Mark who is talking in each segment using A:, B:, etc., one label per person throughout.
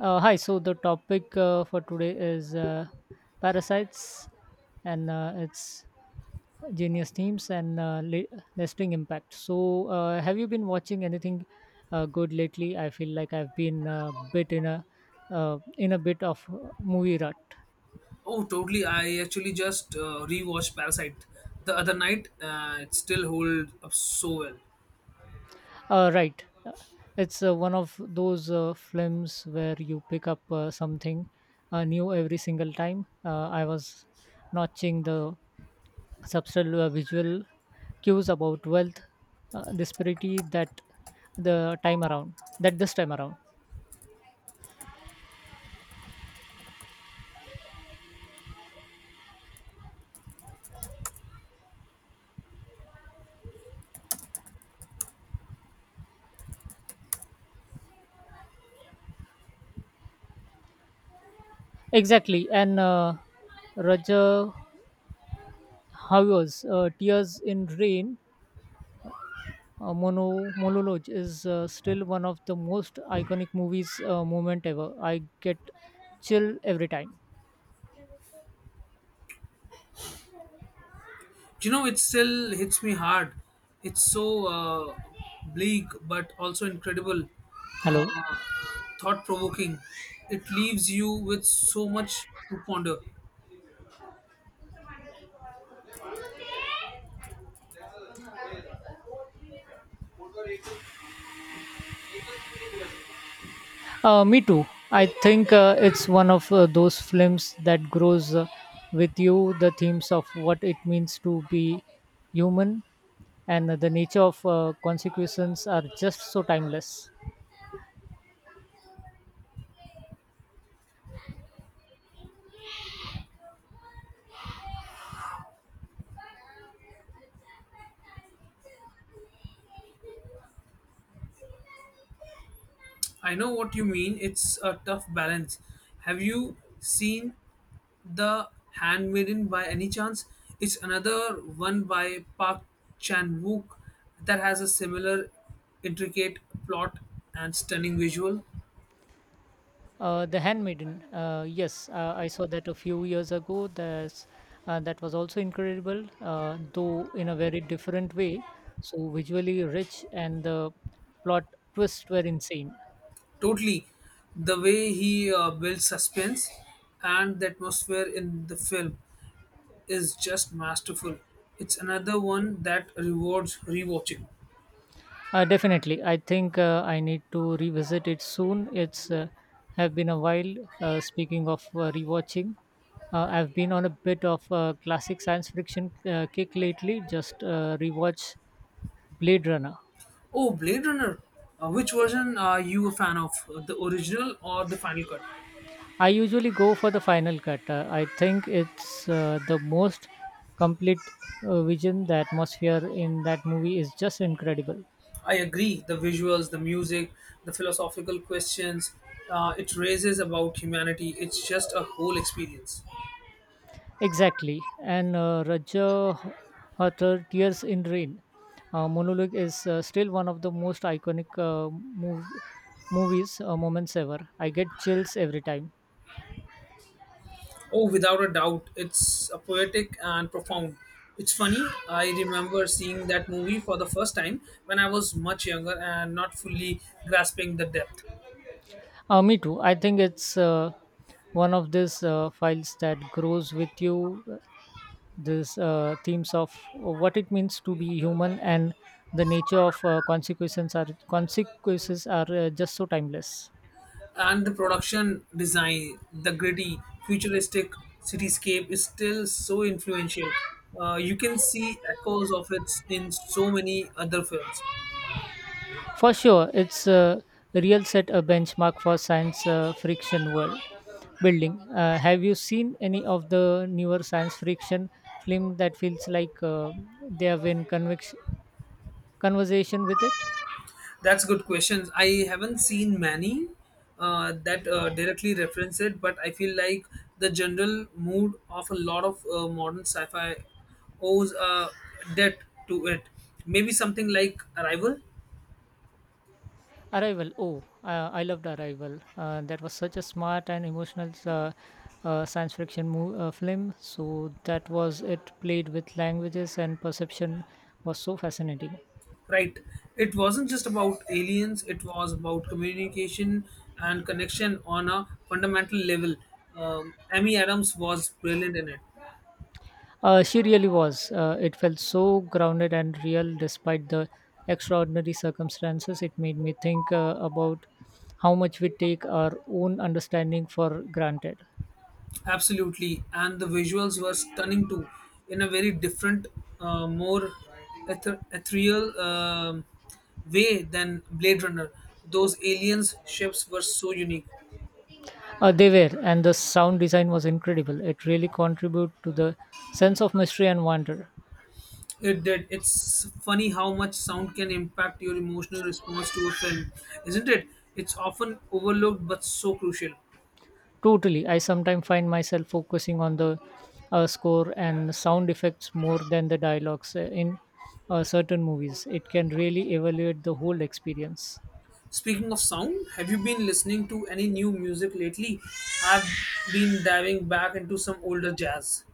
A: Hi, so the topic for today is parasites and its genius themes and lasting impact. So, have you been watching anything good lately? I feel like I've been a bit in a bit of movie rut.
B: Oh, totally. I actually just rewatched Parasite the other night. It still holds up so well.
A: Right. It's one of those films where you pick up something new every single time. I was notching the subtle visual cues about wealth disparity that the time around that this time around exactly and raja how was tears in rain. Monologue is still one of the most iconic movies moment ever. I get chill every time.
B: You know, it still hits me hard. It's so bleak, but also incredible, uh,
A: Hello.
B: thought provoking. It leaves you with so much to ponder.
A: Me too. I think it's one of those films that grows with you. The themes of what it means to be human and the nature of consequences are just so timeless.
B: I know what you mean. It's a tough balance. Have you seen The Handmaiden by any chance? It's another one by Park Chan Wook that has a similar intricate plot and stunning visual.
A: The Handmaiden. Yes, I saw that a few years ago. That was also incredible, though in a very different way. So visually rich and the plot twists were insane.
B: Totally, the way he builds suspense and the atmosphere in the film is just masterful. It's another one that rewards rewatching.
A: Definitely, I think I need to revisit it soon. It's have been a while. Speaking of rewatching, I've been on a bit of a classic science fiction kick lately. Just rewatch Blade Runner.
B: Oh, Blade Runner! Which version are you a fan of? The original or the final cut?
A: I usually go for the final cut. I think it's the most complete vision. The atmosphere in that movie is just incredible.
B: I agree. The visuals, the music, the philosophical questions it raises about humanity. It's just a whole experience.
A: Exactly. And Raja Hathor, Tears in Rain monologue is still one of the most iconic mov- movies moments ever. I get chills every time.
B: Oh, without a doubt, it's a poetic and profound. It's funny. I remember seeing that movie for the first time when I was much younger and not fully grasping the depth.
A: Me too. I think it's one of these files that grows with you. These themes of what it means to be human and the nature of consequences are just so timeless.
B: And the production design, the gritty, futuristic cityscape is still so influential. You can see echoes of it in so many other films.
A: For sure, it's a real set a benchmark for science friction world building. Have you seen any of the newer science friction film that feels like they have been conversation with it?
B: That's good questions. I haven't seen many that directly reference it, but I feel like the general mood of a lot of modern sci-fi owes a debt to it. Maybe something like Arrival,
A: Arrival. Oh, I loved Arrival. That was such a smart and emotional science fiction film. So that was it. Played with languages and perception was so fascinating.
B: right? It wasn't just about aliens; it was about communication and connection on a fundamental level. Amy Adams was brilliant in it.
A: She really was. It felt so grounded and real, despite the extraordinary circumstances. It made me think about how much we take our own understanding for granted.
B: Absolutely, and the visuals were stunning too, in a very different, more ethereal way than Blade Runner. Those aliens ships were so unique.
A: They were, and the sound design was incredible. It really contributed to the sense of mystery and wonder.
B: It did. It's funny how much sound can impact your emotional response to a film, isn't it? It's often overlooked but so crucial.
A: Totally. I sometimes find myself focusing on the score and sound effects more than the dialogues in certain movies. It can really evaluate the whole experience.
B: Speaking of sound, have you been listening to any new music lately? I've been diving back into some older jazz.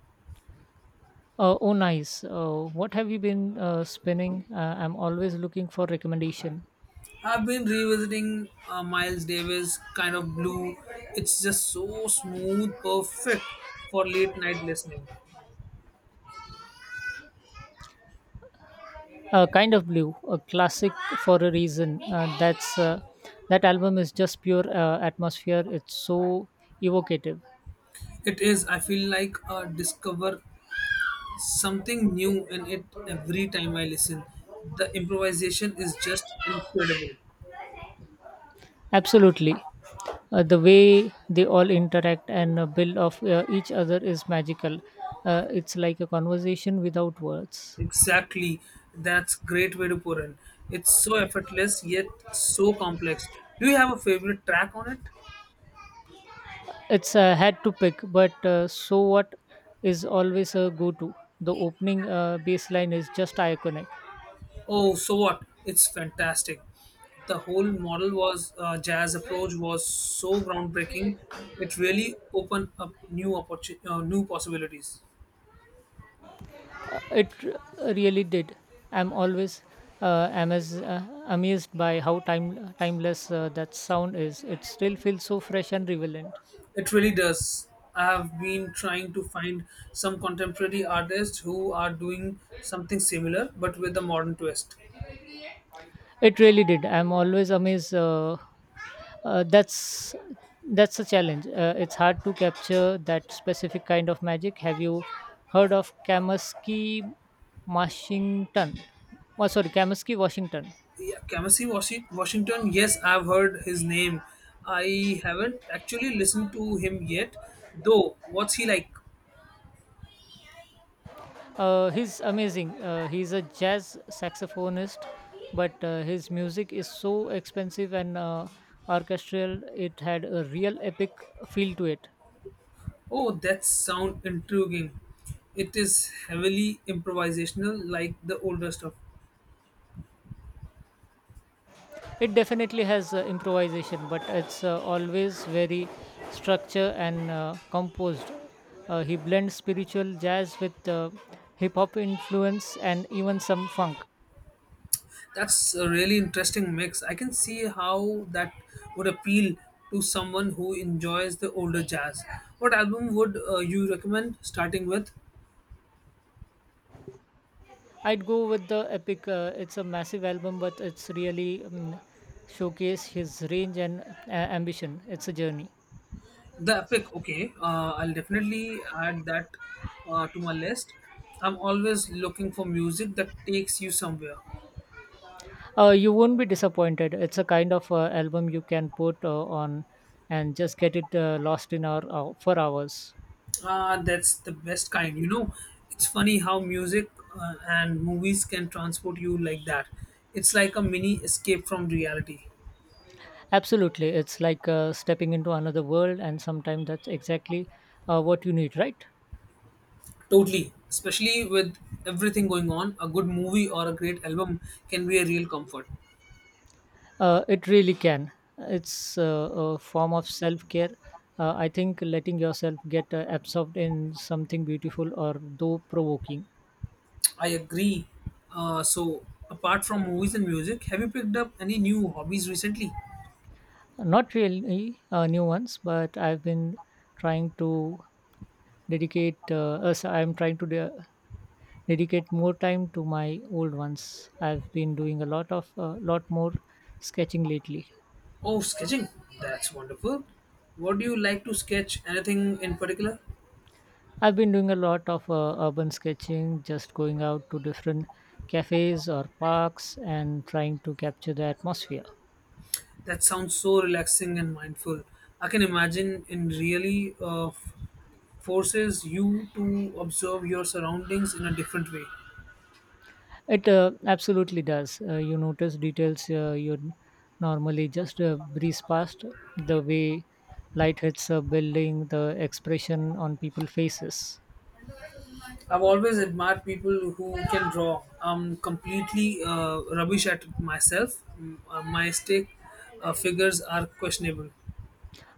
A: Oh, nice. What have you been spinning? I'm always looking for recommendation.
B: I've been revisiting Miles Davis kind of blue. It's just so smooth, perfect for late night listening.
A: Kind of blue, a classic for a reason. That's that album is just pure atmosphere. It's so evocative.
B: It is, I feel like discover something new in it every time I listen. The improvisation is just incredible.
A: Absolutely. The way they all interact and build off each other is magical. It's like a conversation without words.
B: Exactly. That's great way to put in. It's so effortless yet so complex. Do you have a favorite track on it?
A: It's had to pick, but so what is always a go to. The opening baseline is just iconic.
B: Oh, so what? It's fantastic. The whole model was jazz approach was so groundbreaking. It really opened up new possibilities.
A: Really did. I'm amazed by how timeless that sound is. It still feels so fresh and relevant.
B: It really does. I have been trying to find some contemporary artists who are doing something similar but with a modern twist.
A: It really did. I'm always amazed Uh, that's that's a challenge. It's hard to capture that specific kind of magic. Have you heard of Kamaski Washington? Oh, sorry, Kamaski Washington.
B: Yeah, Washington. Yes, I've heard his name. I haven't actually listened to him yet, though. What's he like?
A: He's amazing. He's a jazz saxophonist, but his music is so expensive and orchestral. It had a real epic feel to it.
B: Oh, that sound intriguing. It is heavily improvisational, like the older stuff.
A: It definitely has improvisation, but it's always very structure and composed. He blends spiritual jazz with hip hop influence and even some funk.
B: That's a really interesting mix. I can see how that would appeal to someone who enjoys the older jazz. What album would you recommend starting with?
A: I'd go with the epic. It's a massive album, but it's really showcase his range and uh, ambition. It's a journey.
B: The Epic. Okay, I'll definitely add that to my list. I'm always looking for music that takes you somewhere.
A: You won't be disappointed. It's a kind of album you can put on and just get it lost in our for hours.
B: Ah, that's the best kind. You know, it's funny how music and movies can transport you like that. It's like a mini escape from reality.
A: Absolutely. It's like stepping into another world, and sometimes that's exactly what you need, right?
B: Totally. Especially with everything going on, a good movie or a great album can be a real comfort.
A: It really can. It's a form of self care. I think letting yourself get absorbed in something beautiful or though provoking.
B: I agree. So, apart from movies and music, have you picked up any new hobbies recently?
A: Not really new ones, but I've been trying to dedicate, so I'm trying to de- dedicate more time to my old ones. I've been doing a lot of, a lot more sketching lately.
B: Oh, sketching. That's wonderful. What do you like to sketch? Anything in particular?
A: I've been doing a lot of urban sketching, just going out to different cafes or parks and trying to capture the atmosphere.
B: That sounds so relaxing and mindful. I can imagine it really forces you to observe your surroundings in a different way.
A: It absolutely does. You notice details you normally just breeze past, the way light hits a building, the expression on people's faces.
B: I've always admired people who can draw. I'm completely rubbish at it myself. My stick figures are questionable.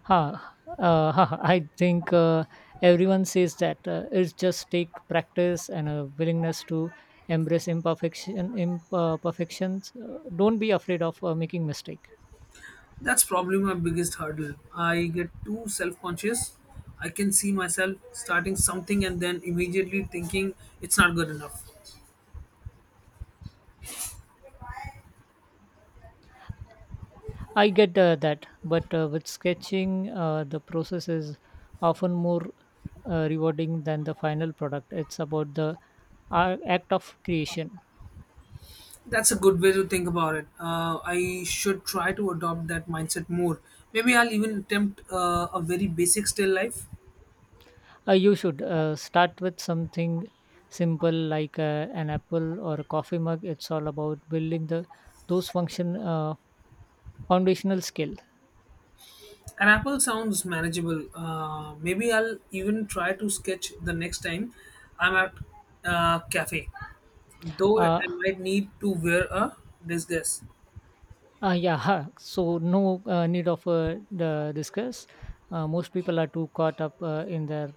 A: Ha, huh, huh. I think everyone says that it's just take practice and a willingness to embrace imperfections. Don't be afraid of making mistake.
B: That's probably my biggest hurdle. I get too self conscious. I can see myself starting something and then immediately thinking it's not good enough.
A: I get that, but with sketching, the process is often more rewarding than the final product. It's about the act of creation.
B: That's a good way to think about it. I should try to adopt that mindset more. Maybe I'll even attempt a very basic still life.
A: You should start with something simple like an apple or a coffee mug. It's all about building the those function foundational skill.
B: An apple sounds manageable. Maybe I'll even try to sketch the next time I'm at a cafe. Though
A: Uh,
B: I might need to wear a disguise.
A: yeah, ha. So no need of the discuss. Most people are too caught up in their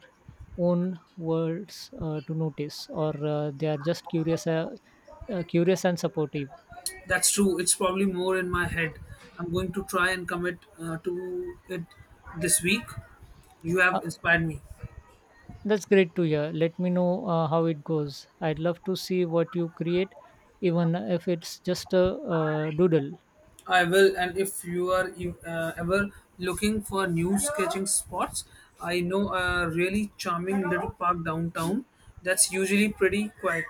A: own worlds to notice, or they are just curious, curious and supportive.
B: That's true. It's probably more in my head. I'm going to try and commit to it this week. You
A: Uh,
B: have inspired me.
A: That's great to hear. Let me know how it goes. I'd love to see what you create, even if it's just a doodle.
B: I will, and if you are ever looking for new sketching spots, I know a really charming little park downtown that's usually pretty quiet.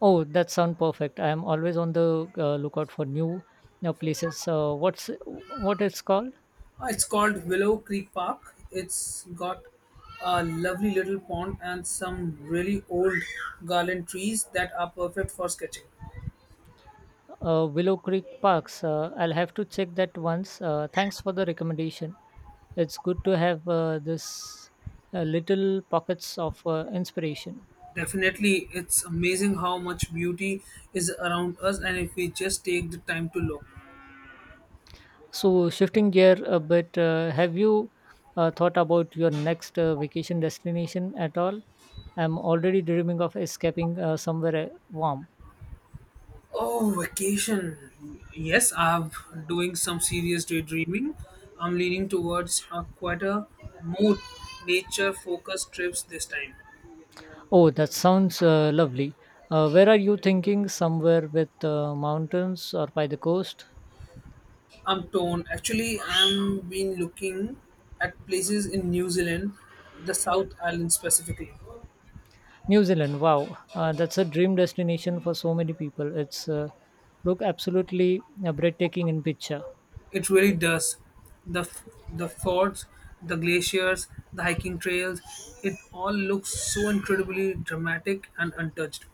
A: Oh, that sounds perfect. I'm always on the lookout for new places. What it's called?
B: It's called Willow Creek Park. It's got a lovely little pond and some really old garland trees that are perfect for sketching.
A: Willow Creek Parks. I'll have to check that once. Thanks for the recommendation. It's good to have this little pockets of inspiration.
B: Definitely, it's amazing how much beauty is around us, and if we just take the time to look.
A: So, shifting gear a bit, have you thought about your next vacation destination at all? I'm already dreaming of escaping somewhere warm.
B: Oh, vacation. Yes, I'm doing some serious daydreaming. I'm leaning towards a quieter, more nature-focused trips this time.
A: Oh, that sounds lovely. Where are you thinking? Somewhere with mountains or by the coast?
B: I'm torn. Actually, I'm been looking at places in New Zealand, the South Island specifically.
A: New Zealand, wow. That's a dream destination for so many people. It's look absolutely breathtaking in picture.
B: It really does. The the forts, the glaciers, the hiking trails. It all looks so incredibly dramatic and untouched.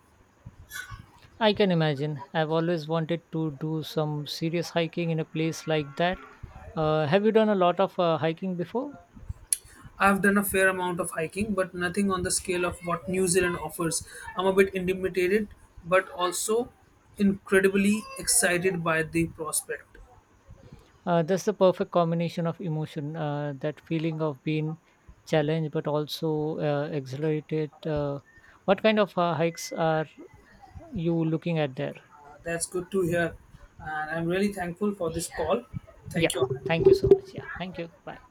A: I can imagine. I've always wanted to do some serious hiking in a place like that. Have you done a lot of hiking before?
B: I've done a fair amount of hiking, but nothing on the scale of what New Zealand offers. I'm a bit intimidated, but also incredibly excited by the prospect.
A: That's the perfect combination of emotion that feeling of being challenged but also exhilarated. What kind of hikes are you looking at there?
B: Uh, that's good to hear. And I'm really thankful for this call.
A: Yeah,
B: Thank you.
A: thank
B: Anand.
A: you so much. Yeah, thank you. Bye.